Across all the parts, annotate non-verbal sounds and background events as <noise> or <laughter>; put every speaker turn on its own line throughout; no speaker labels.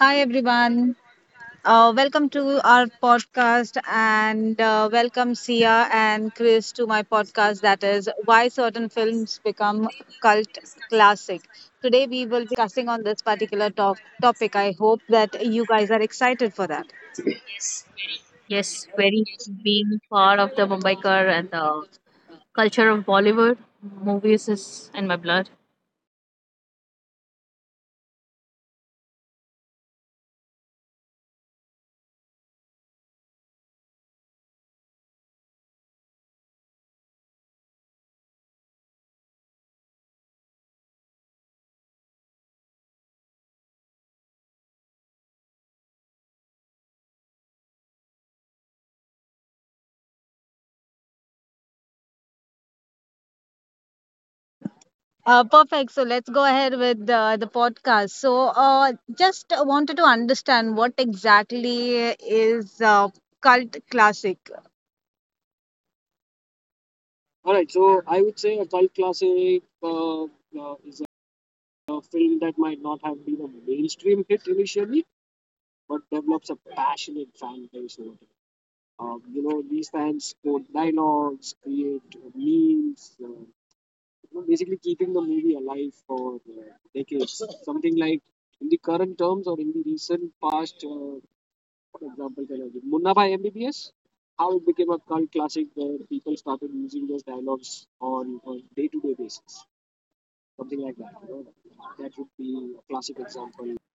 Hi everyone. Welcome to our podcast and welcome Sia and Chris to my podcast that is why certain films become cult classic. Today we will be discussing on this particular topic. I hope that you guys are excited for that.
Yes, very. Being part of the Mumbaikar and the culture of Bollywood movies is in my blood.
Perfect. So let's go ahead with the podcast. So uh, just wanted to understand what exactly is cult classic.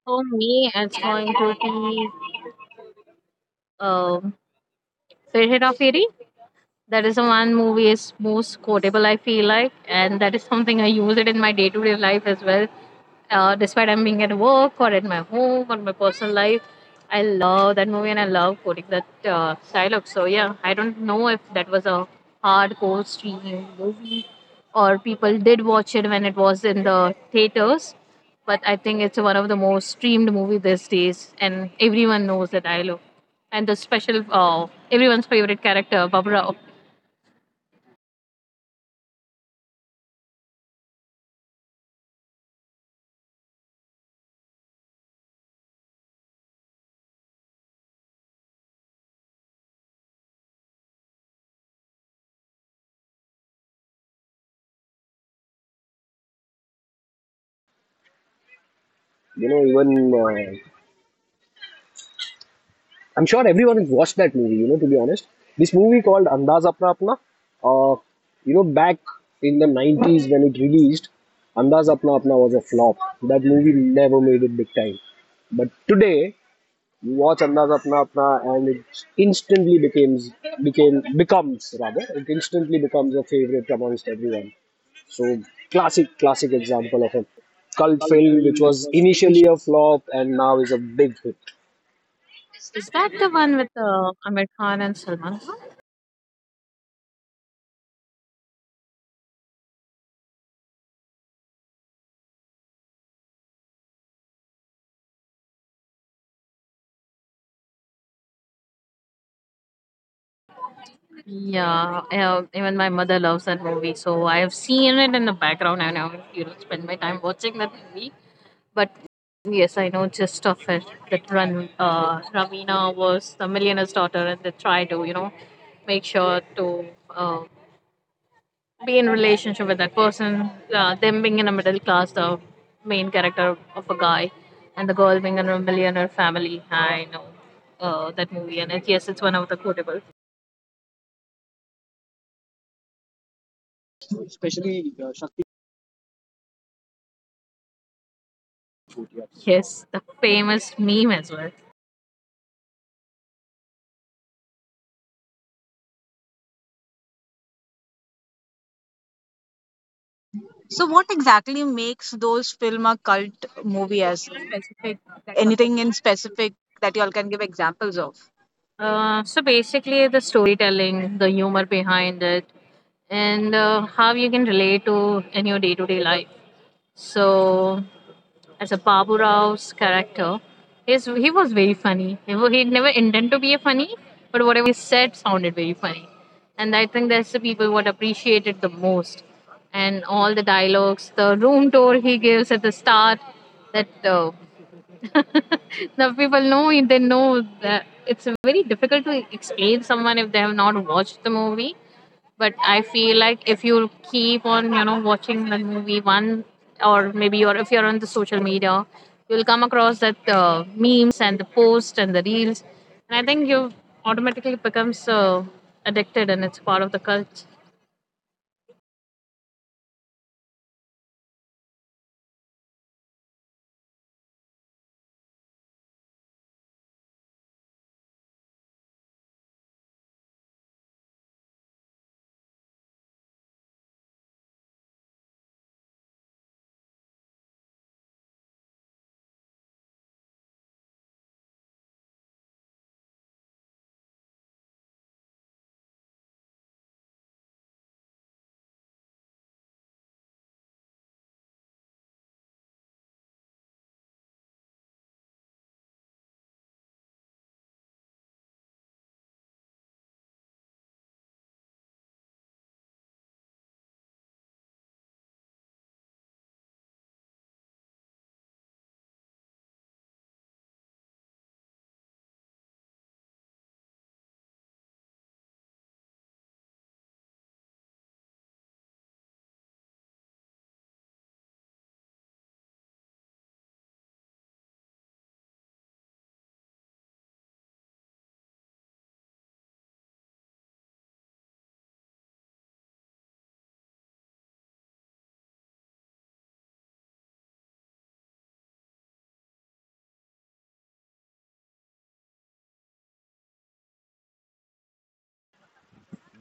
For me, it's going to be um, Fir Hera Feri. That is the one movie is most quotable, I feel like, and that is something I use it in my day to day life as well. Despite I'm being at work or at my home or my personal life, I love that movie and I love quoting that dialogue. So yeah, I don't know if that was a hardcore streaming movie or people did watch it when it was in the theaters, but I think it's one of the most streamed movie these days, and everyone knows that dialogue and the special everyone's favorite character Babra.
Even uh, I'm sure everyone has watched that movie. To be honest, this movie called Andaz Apna Apna. Uh, Back in the 90s when it released, Andaz Apna Apna was a flop. That movie never made it big time. But today, you watch Andaz Apna Apna, and instantly becomes it instantly becomes a favorite amongst everyone. So classic example of a cult film which was initially a flop and now is a big hit.
Is that the one with Amir Khan and Salman Khan? Yeah, even my mother loves that movie, so I have seen it in the background. And I now spend my time watching that movie. But yes, I know just of it that Ran, Ravina was the millionaire's daughter, and they try to make sure to be in relationship with that person. Them being in a middle class, the main character of a guy, and the girl being in a millionaire family. I know that movie, and it, yes, it's one of the quotable. Yes, the famous meme as well.
So, what exactly makes those film a cult movie? As in? Anything in specific that y'all can give examples of?
So basically, the storytelling, the humor behind it, and how you can relate to in your day to day life. So, as a Babu Rao's character, he was very funny. He never intended to be a funny, but whatever said sounded very funny. And I think that's the people what appreciated the most. And all the dialogues, the room tour he gives at the start, that <laughs> the people know it, they know that it's very difficult to explain someone if they have not watched the movie, but I feel like if you keep on watching the movie one or maybe, or if you're on the social media, you'll come across that memes and the posts and the reels, and I think you automatically becomes addicted, and it's part of the cult.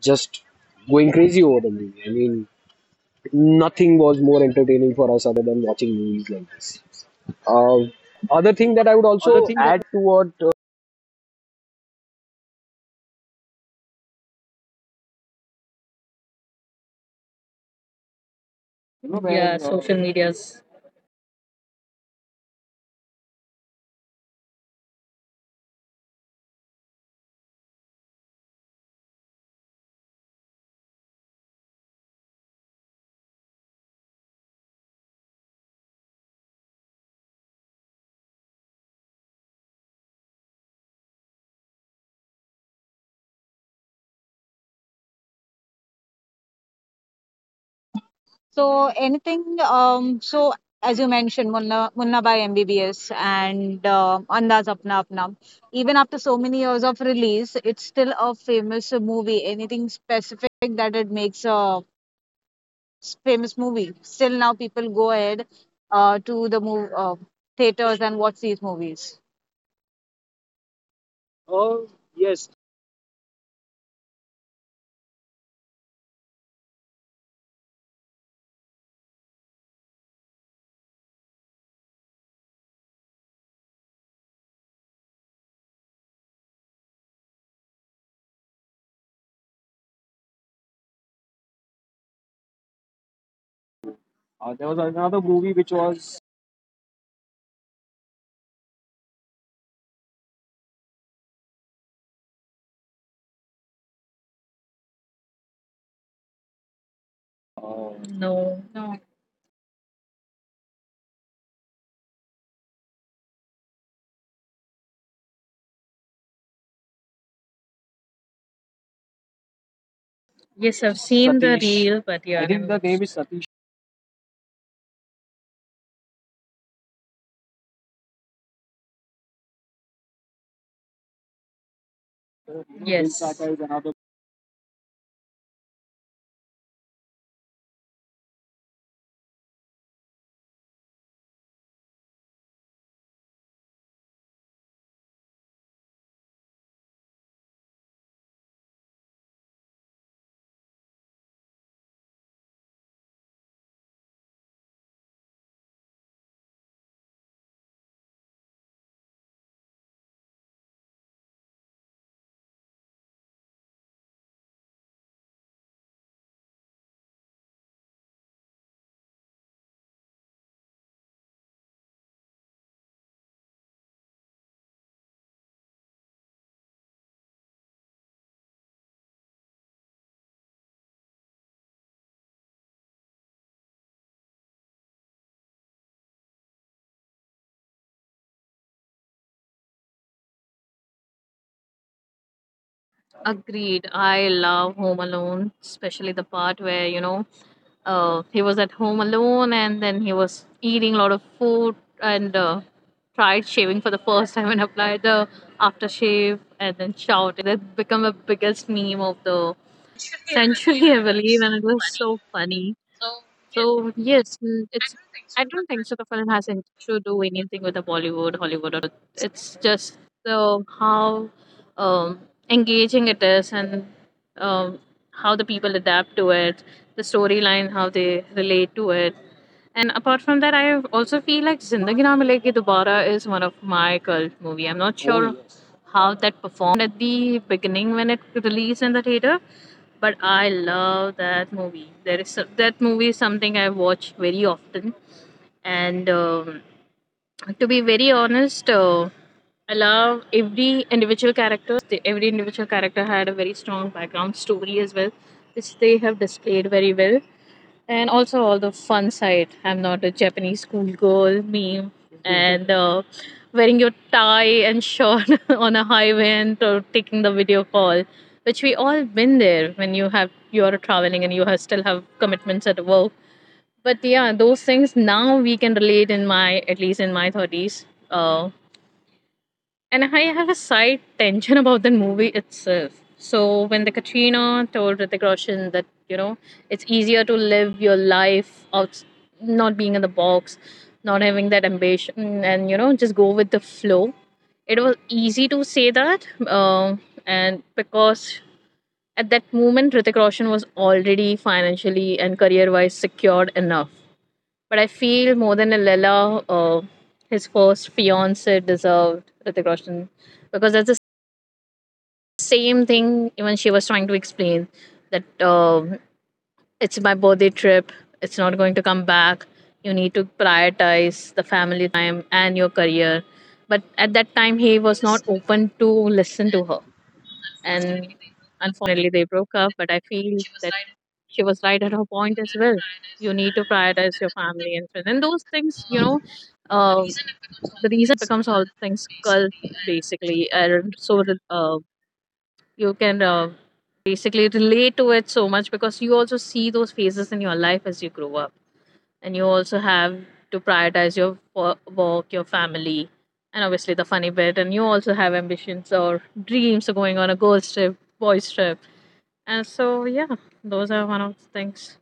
Just going crazy over the movie. I mean, nothing was more entertaining for us other than watching movies like this. Uh, Other thing that I would
Other
also
thing that
add to what.
Yeah, social medias.
so anything, so as you mentioned, Munna by MBBS and Andaz Apna Apna, even after so many years of release, it's still a famous movie. Anything specific that it makes a famous movie? Still now people go ahead to the mov theaters and watch these movies. Oh, yes.
No, no. Yes, I've seen the reel, but yeah, I never. Yes. Agreed. I love Home Alone, especially the part where, he was at home alone and then he was eating a lot of food and tried shaving for the first time and applied the aftershave and then shouted that became the biggest meme of the century, <laughs> I believe. And it was so funny. So yes, mm, it's. I don't think so. The film has anything to do anything with the Bollywood, Hollywood, or. It's just the how um, engaging it is and um, how the people adapt to it, the storyline, how they relate to it. And apart from that, I also feel like Zindagi Na Milegi Dobara is one of my cult movie. I'm not sure how that performed at the beginning when it released in the theater, but I love that movie. There is so- that movie is something I watch very often, and to be very honest, I love every individual characters. Every individual character had a very strong background story as well, which they have displayed very well, and also all the fun side. I'm not a Japanese schoolgirl meme and wearing your tie and shirt <laughs> on a highway and taking the video call, which we all been there when you are traveling and still have commitments at work. But yeah, those things now we can relate in my, at least in my thirties. And I have a side tension about the movie itself. So when the Katrina told Hrithik Roshan that it's easier to live your life out, not being in the box, not having that ambition, and just go with the flow. It was easy to say that, and because at that moment Hrithik Roshan was already financially and career-wise secured enough. But I feel more than a Laila, his first fiance deserved Hrithik Roshan, because that's the same thing. Even she was trying to explain that it's my birthday trip. It's not going to come back. You need to prioritize the family time and your career. But at that time, he was not open to listen to her, and unfortunately they broke up. But I feel that she was right at her point as well. You need to prioritize your family and friends and those things, uh, the reason becomes all things cult basically, and so uh, you can basically relate to it so much because you also see those phases in your life as you grow up, and you also have to prioritize your work, your family, and obviously the funny bit, and you also have ambitions or dreams of going on a girls trip, boys trip. And so yeah, those are one of the things.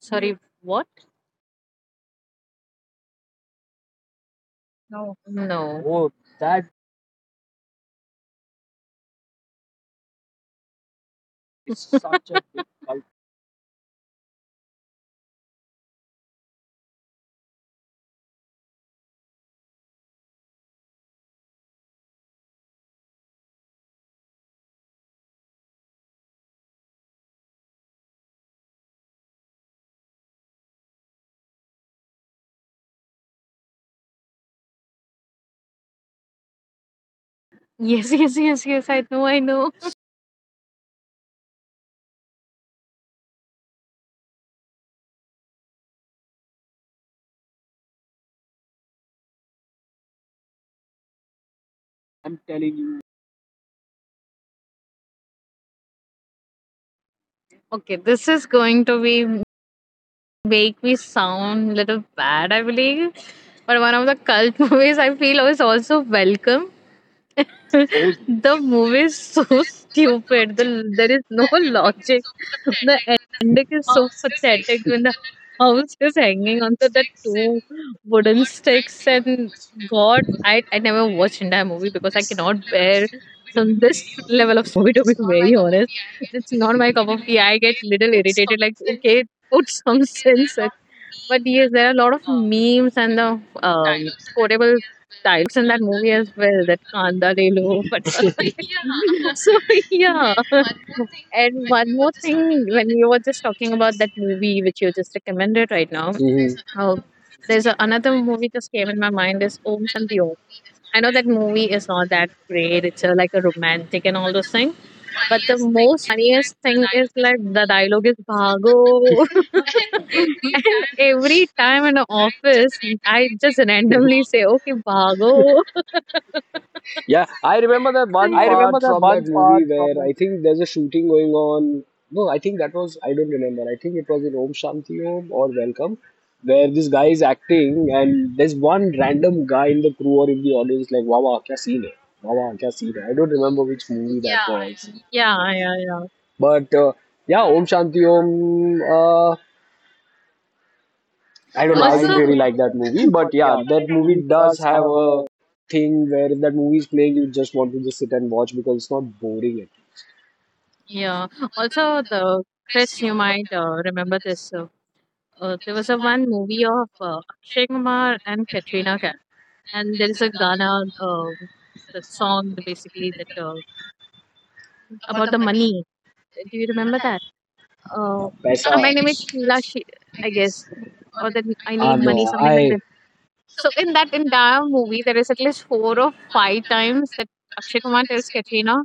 Sorry, what? No, no. Yes, yes, yes, yes. I know, I know. Okay, this is going to be make me sound little bad, I believe. But one of the cult <laughs> movies I feel is also Welcome. <laughs> The movie is so <laughs> stupid. The, there is no logic. <laughs> The ending is so pathetic when the house is hanging onto the two wooden sticks. And God, I never watched entire movie because I cannot bear some this level of movie. To be very honest, it's not my cup of tea. I get little irritated. Like, okay, put some <laughs> sense in. But yes, there are a lot of memes and the quotable dialogues in that movie as well, that kanda le lo. But <laughs> so yeah, and one more thing, when you were just talking about that movie which you just recommended right now,
mhm.
uh, another movie just came in my mind is Om Shanti Om. I know that movie is not that great. It's a, like a romantic and all those things. But the most funniest thing is like the dialogue is Bhago. <laughs> And every time in the office, I just randomly say, okay, Bhago.
Yeah, I remember that
<laughs>
one
I
part from
know.
that movie where I think there's a shooting going on. No, I think that was, I don't remember. I think it was in Om Shanti Om or Welcome, where this guy is acting and there's one random guy in the crew or in the audience like, wow, wow, kya scene hai? Wow, wow, kya scene hai? I don't remember which movie that was.
Yeah, yeah, yeah.
But yeah, Om Shanti Om, I don't know, I didn't
Also,
really like that
can.
movie. But yeah, that movie does have a thing where if that movie is playing, you just want to just sit and watch because it's not boring
Yeah. Also, the Chris, you might remember this. There was a one movie of Akshay Kumar and Katrina Kaif. And there is a Ghana, that song that basically that about the money. Do you remember that? Um,
पैसा
oh, my name is Sheila, she, I guess, or that I
ah
need
no
money, something like
something.
that. So in that entire movie, there is at least four or five times that Akshay Kumar tells Katrina,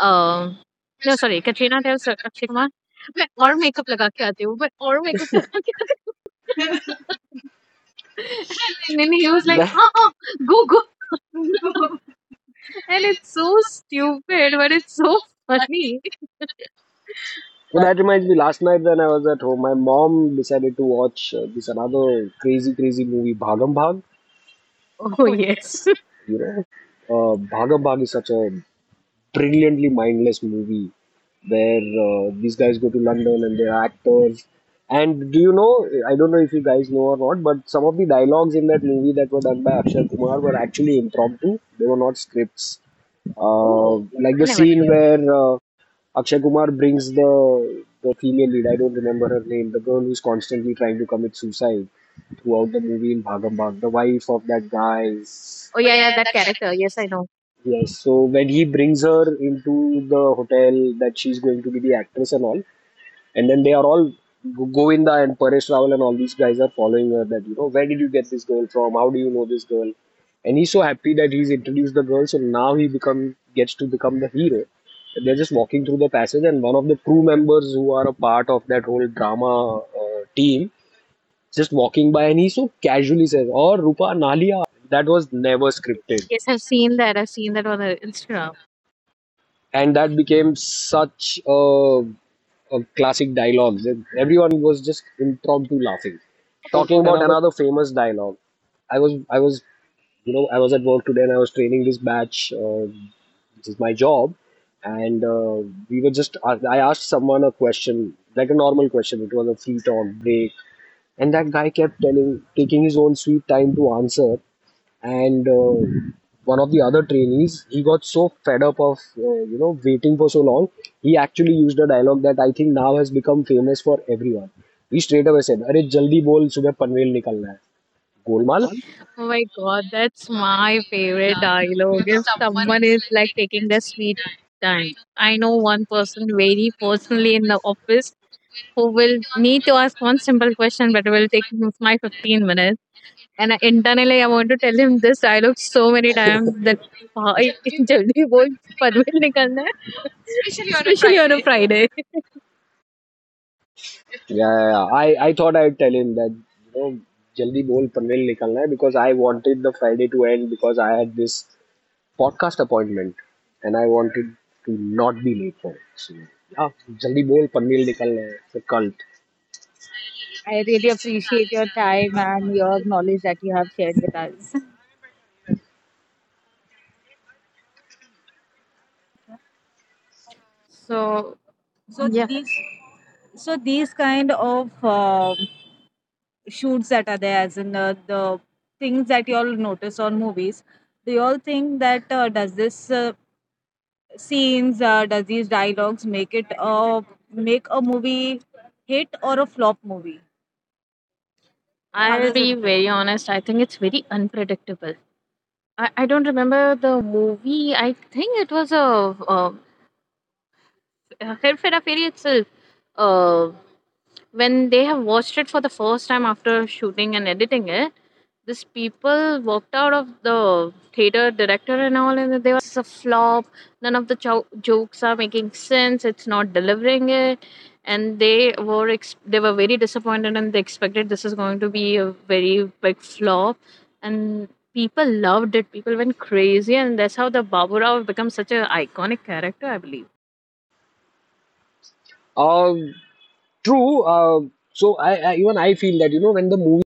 um, no, sorry, Katrina tells Akshay Kumar. मैं और makeup लगा के आती हूँ मैं और makeup लगा के आती हूँ <laughs> And then he was
<laughs> i
like हाँ
<laughs>
हाँ
oh,
go go <laughs> And it's so stupid, but it's so funny. <laughs>
well, that reminds me last night when I was at home my mom decided to watch this another crazy movie Bhagam Bhag.
Oh, yes.
you know Bhagam Bhag is such a brilliantly mindless movie where these guys go to London and they're actors. And do you know? I don't know if you guys know or not, but some of the dialogues in that movie that were done by Akshay Kumar were actually impromptu. They were not scripts.
<laughs> Oh, I
Like the
never knew
scene
it.
where Akshay Kumar brings the female lead. I don't remember her name. The girl who's constantly trying to commit suicide throughout the movie in Bhagam Bhag. The wife of that guy.
Oh yeah, yeah, that character. Yes, I know.
Yes, so when he brings her into the hotel that she's going to be the actress and all, and then they are all Govinda and Paresh Rawal and all these guys are following her that, you know, where did you get this girl from? How do you know this girl? And he's so happy that he's introduced the girl, so now he become gets to become the hero. They're just walking through the passage, and one of the crew members who are a part of that whole drama team just walking by, and he so casually says, "Oh, Rupa Nalia." That was never scripted.
Yes, I've seen that. I've seen that on the Instagram.
And that became such a classic dialogue that everyone was just impromptu laughing talking about another famous dialogue. i was i was I was at work today and I was training this batch. This is my job and we were just I asked someone a question like a normal question. It was a free talk break and that guy kept telling taking his own sweet time to answer and one of the other trainees, he got so fed up of waiting for so long, he actually used a dialogue that I think now has become famous for everyone. He straight away said अरे जल्दी बोल सुबह पनवेल निकलना है Golmaal.
Oh my god, that's my favorite dialogue. If someone is like taking their sweet time, I know one person very personally in the office who will need to ask one simple question, but it will take my 15 minutes. And I, internally, I want to tell him this dialogue so many times that भाई जल्दी बोल पनवेल निकलना है <laughs> especially on a Friday.
Yeah, yeah, yeah. I thought I'd tell him that you know जल्दी बोल पनवेल निकलना है because I wanted the Friday to end because I had this podcast appointment and I wanted to not be late for it. So yeah, जल्दी बोल पनवेल निकलना है. It's a cult.
I really appreciate your time and your knowledge that you have shared with us. So, so. Yeah. These, so these kind of shoots that are there, as in the things that you all notice on movies, do you all think that does this scenes does these dialogues make it make a movie hit or a flop movie? How I'll, does it, be very honest. I think it's very unpredictable. I don't remember the movie. I think it was a, a Hera Fairy itself. Uh, when they have watched it for the first time after shooting and editing it, these people walked out of the theater director and all, and they were is a flop. None of the jokes are making sense. It's not delivering it. And they were they were very disappointed, and they expected this is going to be a very big flop. And people loved it. People went crazy, and that's how the Babu Rao become such an iconic character, I believe.
Um, True. I feel that when the movie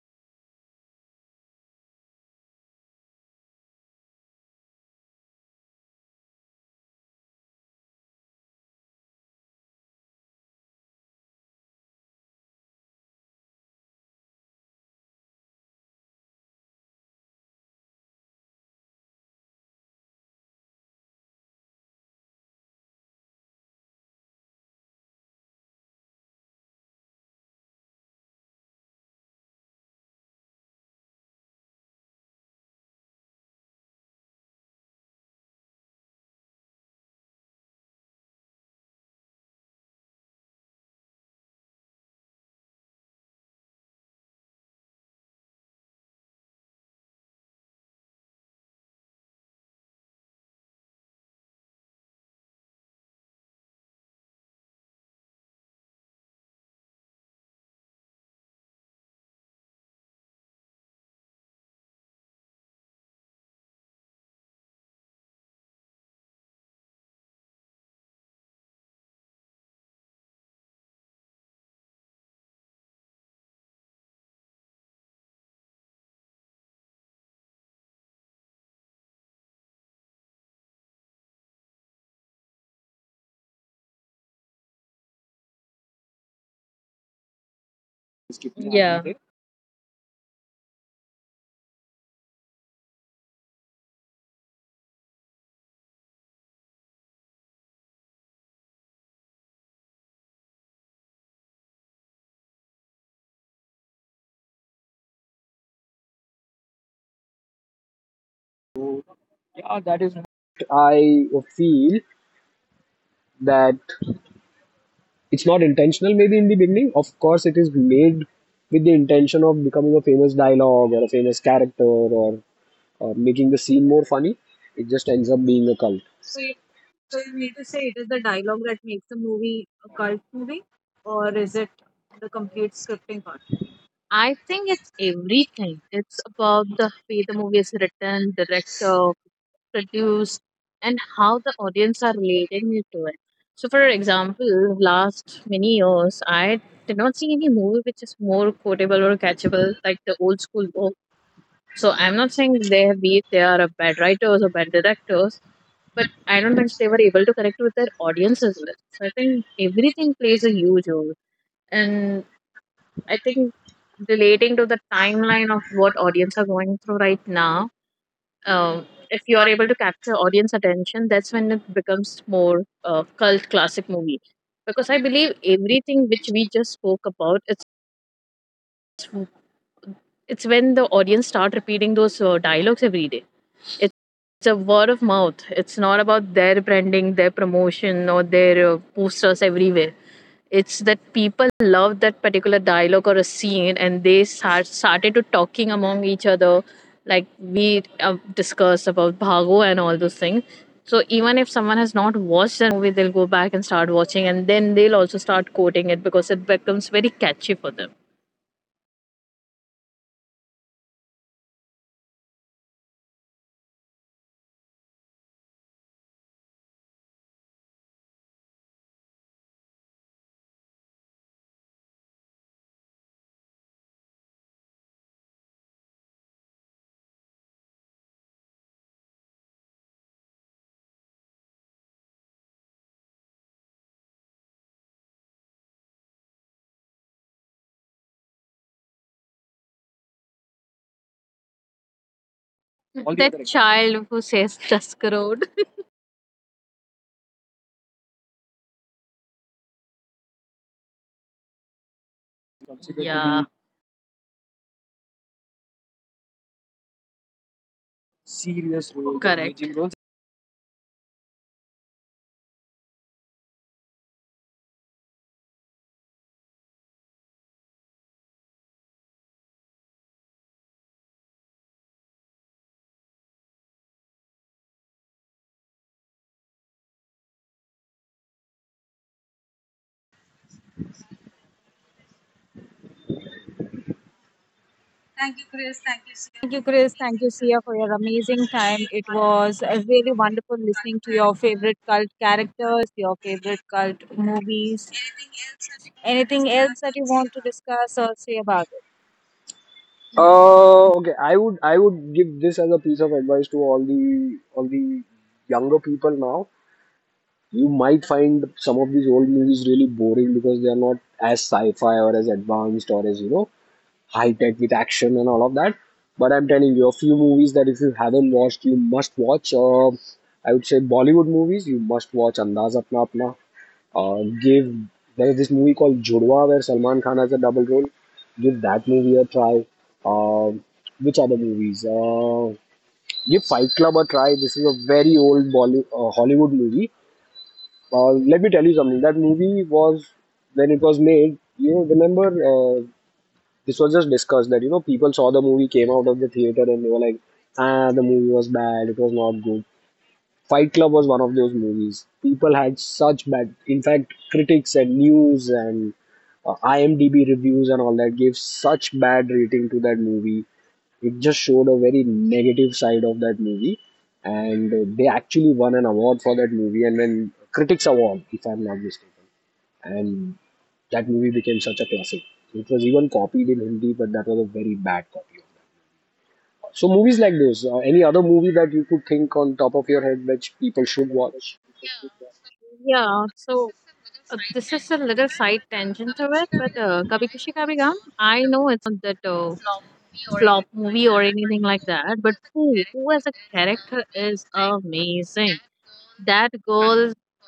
Yeah. So
I feel that it's not intentional. Maybe in the beginning, of course, it is made with the intention of becoming a famous dialogue or a famous character or making the scene more funny. It just ends up being a cult.
you, so you mean to say it is the dialogue that makes the movie a cult movie, or is it the complete scripting? I think it's everything. It's about the way the movie is written, directed, produced, and how the audience are relating it to it. So, for example, last many years, I did not see any movie which is more quotable or catchable like the old school book. So, I'm not saying they are a bad writers or bad directors, but I don't think they were able to connect with their audience as well. So, I think everything plays a huge role, and I think relating to the timeline of what audience are going through right now, if you are able to capture audience attention, that's when it becomes more cult classic movie. Because I believe everything which we just spoke about, it's when the audience start repeating those dialogues every day. It's a word of mouth. It's not about their branding, their promotion, or their posters everywhere. It's that people love that particular dialogue or a scene, and they started to talking among each other, like we discussed about Bhago and all those things. So even if someone has not watched that movie, they'll go back and start watching, and then they'll also start quoting it because it becomes very catchy for them. All the that other- child who says <laughs> Tusk Road. Considered to Yeah, be Serious role. Correct. Thank you, Chris. Thank you, Sia, for your amazing time. It was really wonderful listening to your favorite cult characters, your favorite cult movies. Anything else that you want to discuss or say about it?
Okay. I would give this as a piece of advice to all the younger people now. You might find some of these old movies really boring because they are not as sci-fi or as advanced or as high tech with action and all of that. But I'm telling you, a few movies that if you haven't watched, you must watch. I would say Bollywood movies, you must watch Andaz Apna Apna. Give there is this movie called Judwa where Salman Khan has a double role. Give that movie a try. Um, which other movies? Give Fight Club a try. This is a very old Hollywood movie. Let me tell you something. That movie was when it was made. You remember this was just discussed that people saw the movie, came out of the theater and they were like, ah, the movie was bad, it was not good. Fight Club was one of those movies people had such bad, in fact critics and news and IMDb reviews and all that gave such bad rating to that movie. It just showed a very negative side of that movie and they actually won an award for that movie, and then critics award if I'm not mistaken, and that movie became such a classic. It was even copied in Hindi, but that was a very bad copy. So movies like those, any other movie that you could think on top of your head which people should watch.
Yeah, so this is a little side tangent to it, but Kabhi Khushi Kabhi Gum, I know it's that flop movie or anything like that, but Pooh, Pooh as a character is amazing. That girl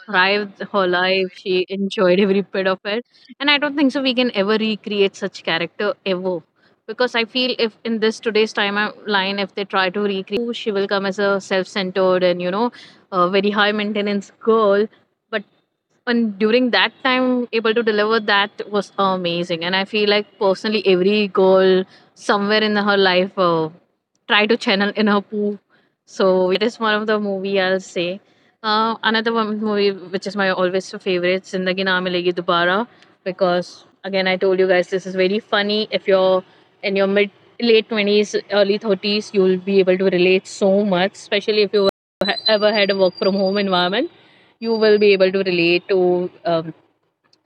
thrived her life. She enjoyed every bit of it. And I don't think so we can ever recreate such character ever. Because I feel if in this today's timeline, if they try to recreate Pooh, she will come as a self centered and, you know, a very high maintenance girl. But and during that time able to deliver that was amazing, and I feel like personally every girl somewhere in her life try to channel in her poo so is one of the movie I'll say another one movie which is my always favorite, Zindagi Na Milegi Dobara, because again I told you guys, this is very funny. If you're in your mid late 20s early 30s, you'll be able to relate so much, especially if you ever had a work from home environment, you will be able to relate to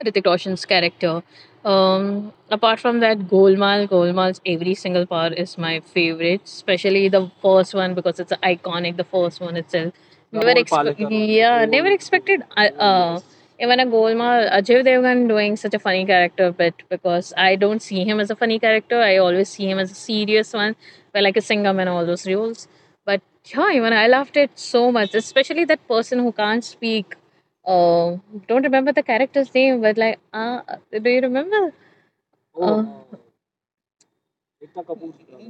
Hrithik Roshan's character. Apart from that, Golmaal, Golmaal's every single part is my favorite, especially the first one because it's iconic. The first one itself, never expect, yeah, never expected. I even a Golmaal, Ajay Devgan doing such a funny character, but because I don't see him as a funny character, I always see him as a serious one, where like a singer and all those roles. But yeah, even I loved it so much, especially that person who can't speak. Oh, don't remember the character's name, but like, do you remember? Uh,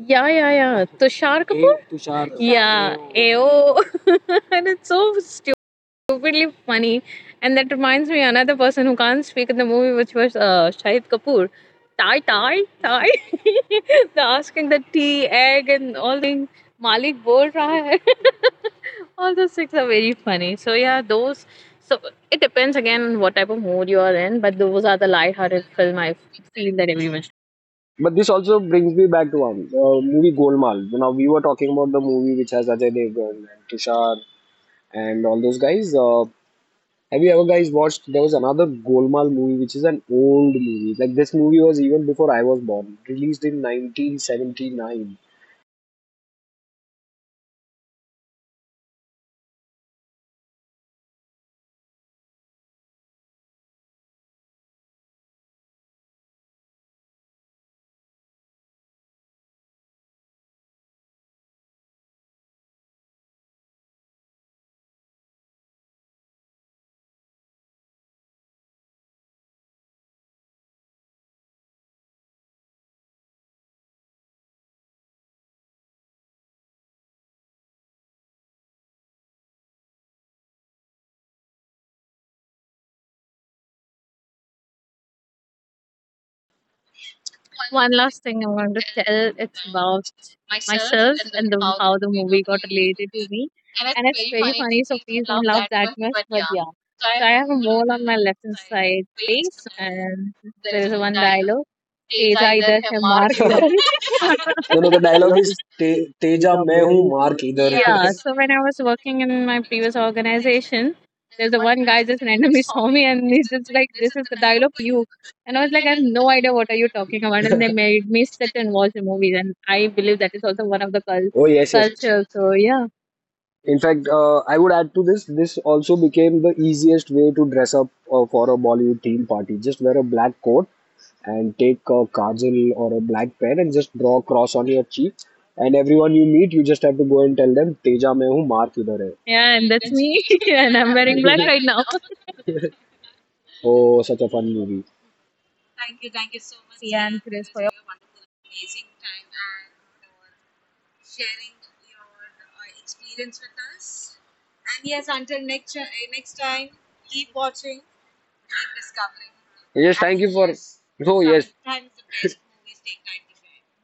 yeah, yeah, yeah. Tushar Kapoor? Tushar. Yeah, AO. <laughs> And it's so stupidly funny. And that reminds me another person who can't speak in the movie, which was Shahid Kapoor. Tie, tie, tie. <laughs> They're asking the tea, egg, and all things. Malik bol raha hai. <laughs> All the six are very funny. So yeah, those. So it depends again on what type of mood you are in, but those are the light-hearted film I feel that everyone should.
But this also brings me back to one movie Golmaal. Now we were talking about the movie which has Ajay Devgn and Tushar and all those guys. Have you ever guys watched? There was another Golmaal movie which is an old movie. Like this movie was even before I was born. Released in 1979.
One last thing I'm going to tell, it's about myself and the how the movie got related to me, and it's very funny. So please don't laugh that much. But yeah, so I have a mole on my left hand side face, and there is one dialogue. Teja इधर है, mark So इधर so
No, no, the
the
dialogue
dialogue is
is
"Te-
Teja,
Teja,
main
main
hoon,
hu,
maar
maar.
kidhar."
Yeah,
<laughs>
so when I was working in my previous organization, there's a one guy just randomly <laughs> saw me and he's just like, this is the dialogue you. And I was like, I have no idea what are you talking about. And they made me sit
<laughs>
and watch the movies. And I believe that is also one of the Oh
Oh,
yes, yes.
yes, yes.
culture. So yeah.
In fact, I would add to this, this also became the easiest way to dress up for a Bollywood theme party. Just wear a black coat and take a kajal or a black pen and just draw a cross on your cheek. And everyone you meet, you just have to go and tell them, Teja mein hoon, maar kidhar hai.
Yeah, and that's me. <laughs> And I'm wearing black right now. <laughs>
Oh, such a fun movie.
See and Chris for
Yes, thank you for. Oh, yes.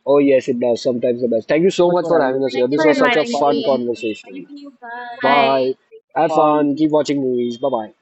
Oh, yes, it does. Sometimes it does. Thank you so
much
much
for
for
having us.
having us
Thank
here.
you
This
for
was such a
inviting
fun
me. Thank
conversation.
you. Bye. Bye.
Bye.
Have
Have
fun.
fun. Keep watching movies. Bye bye.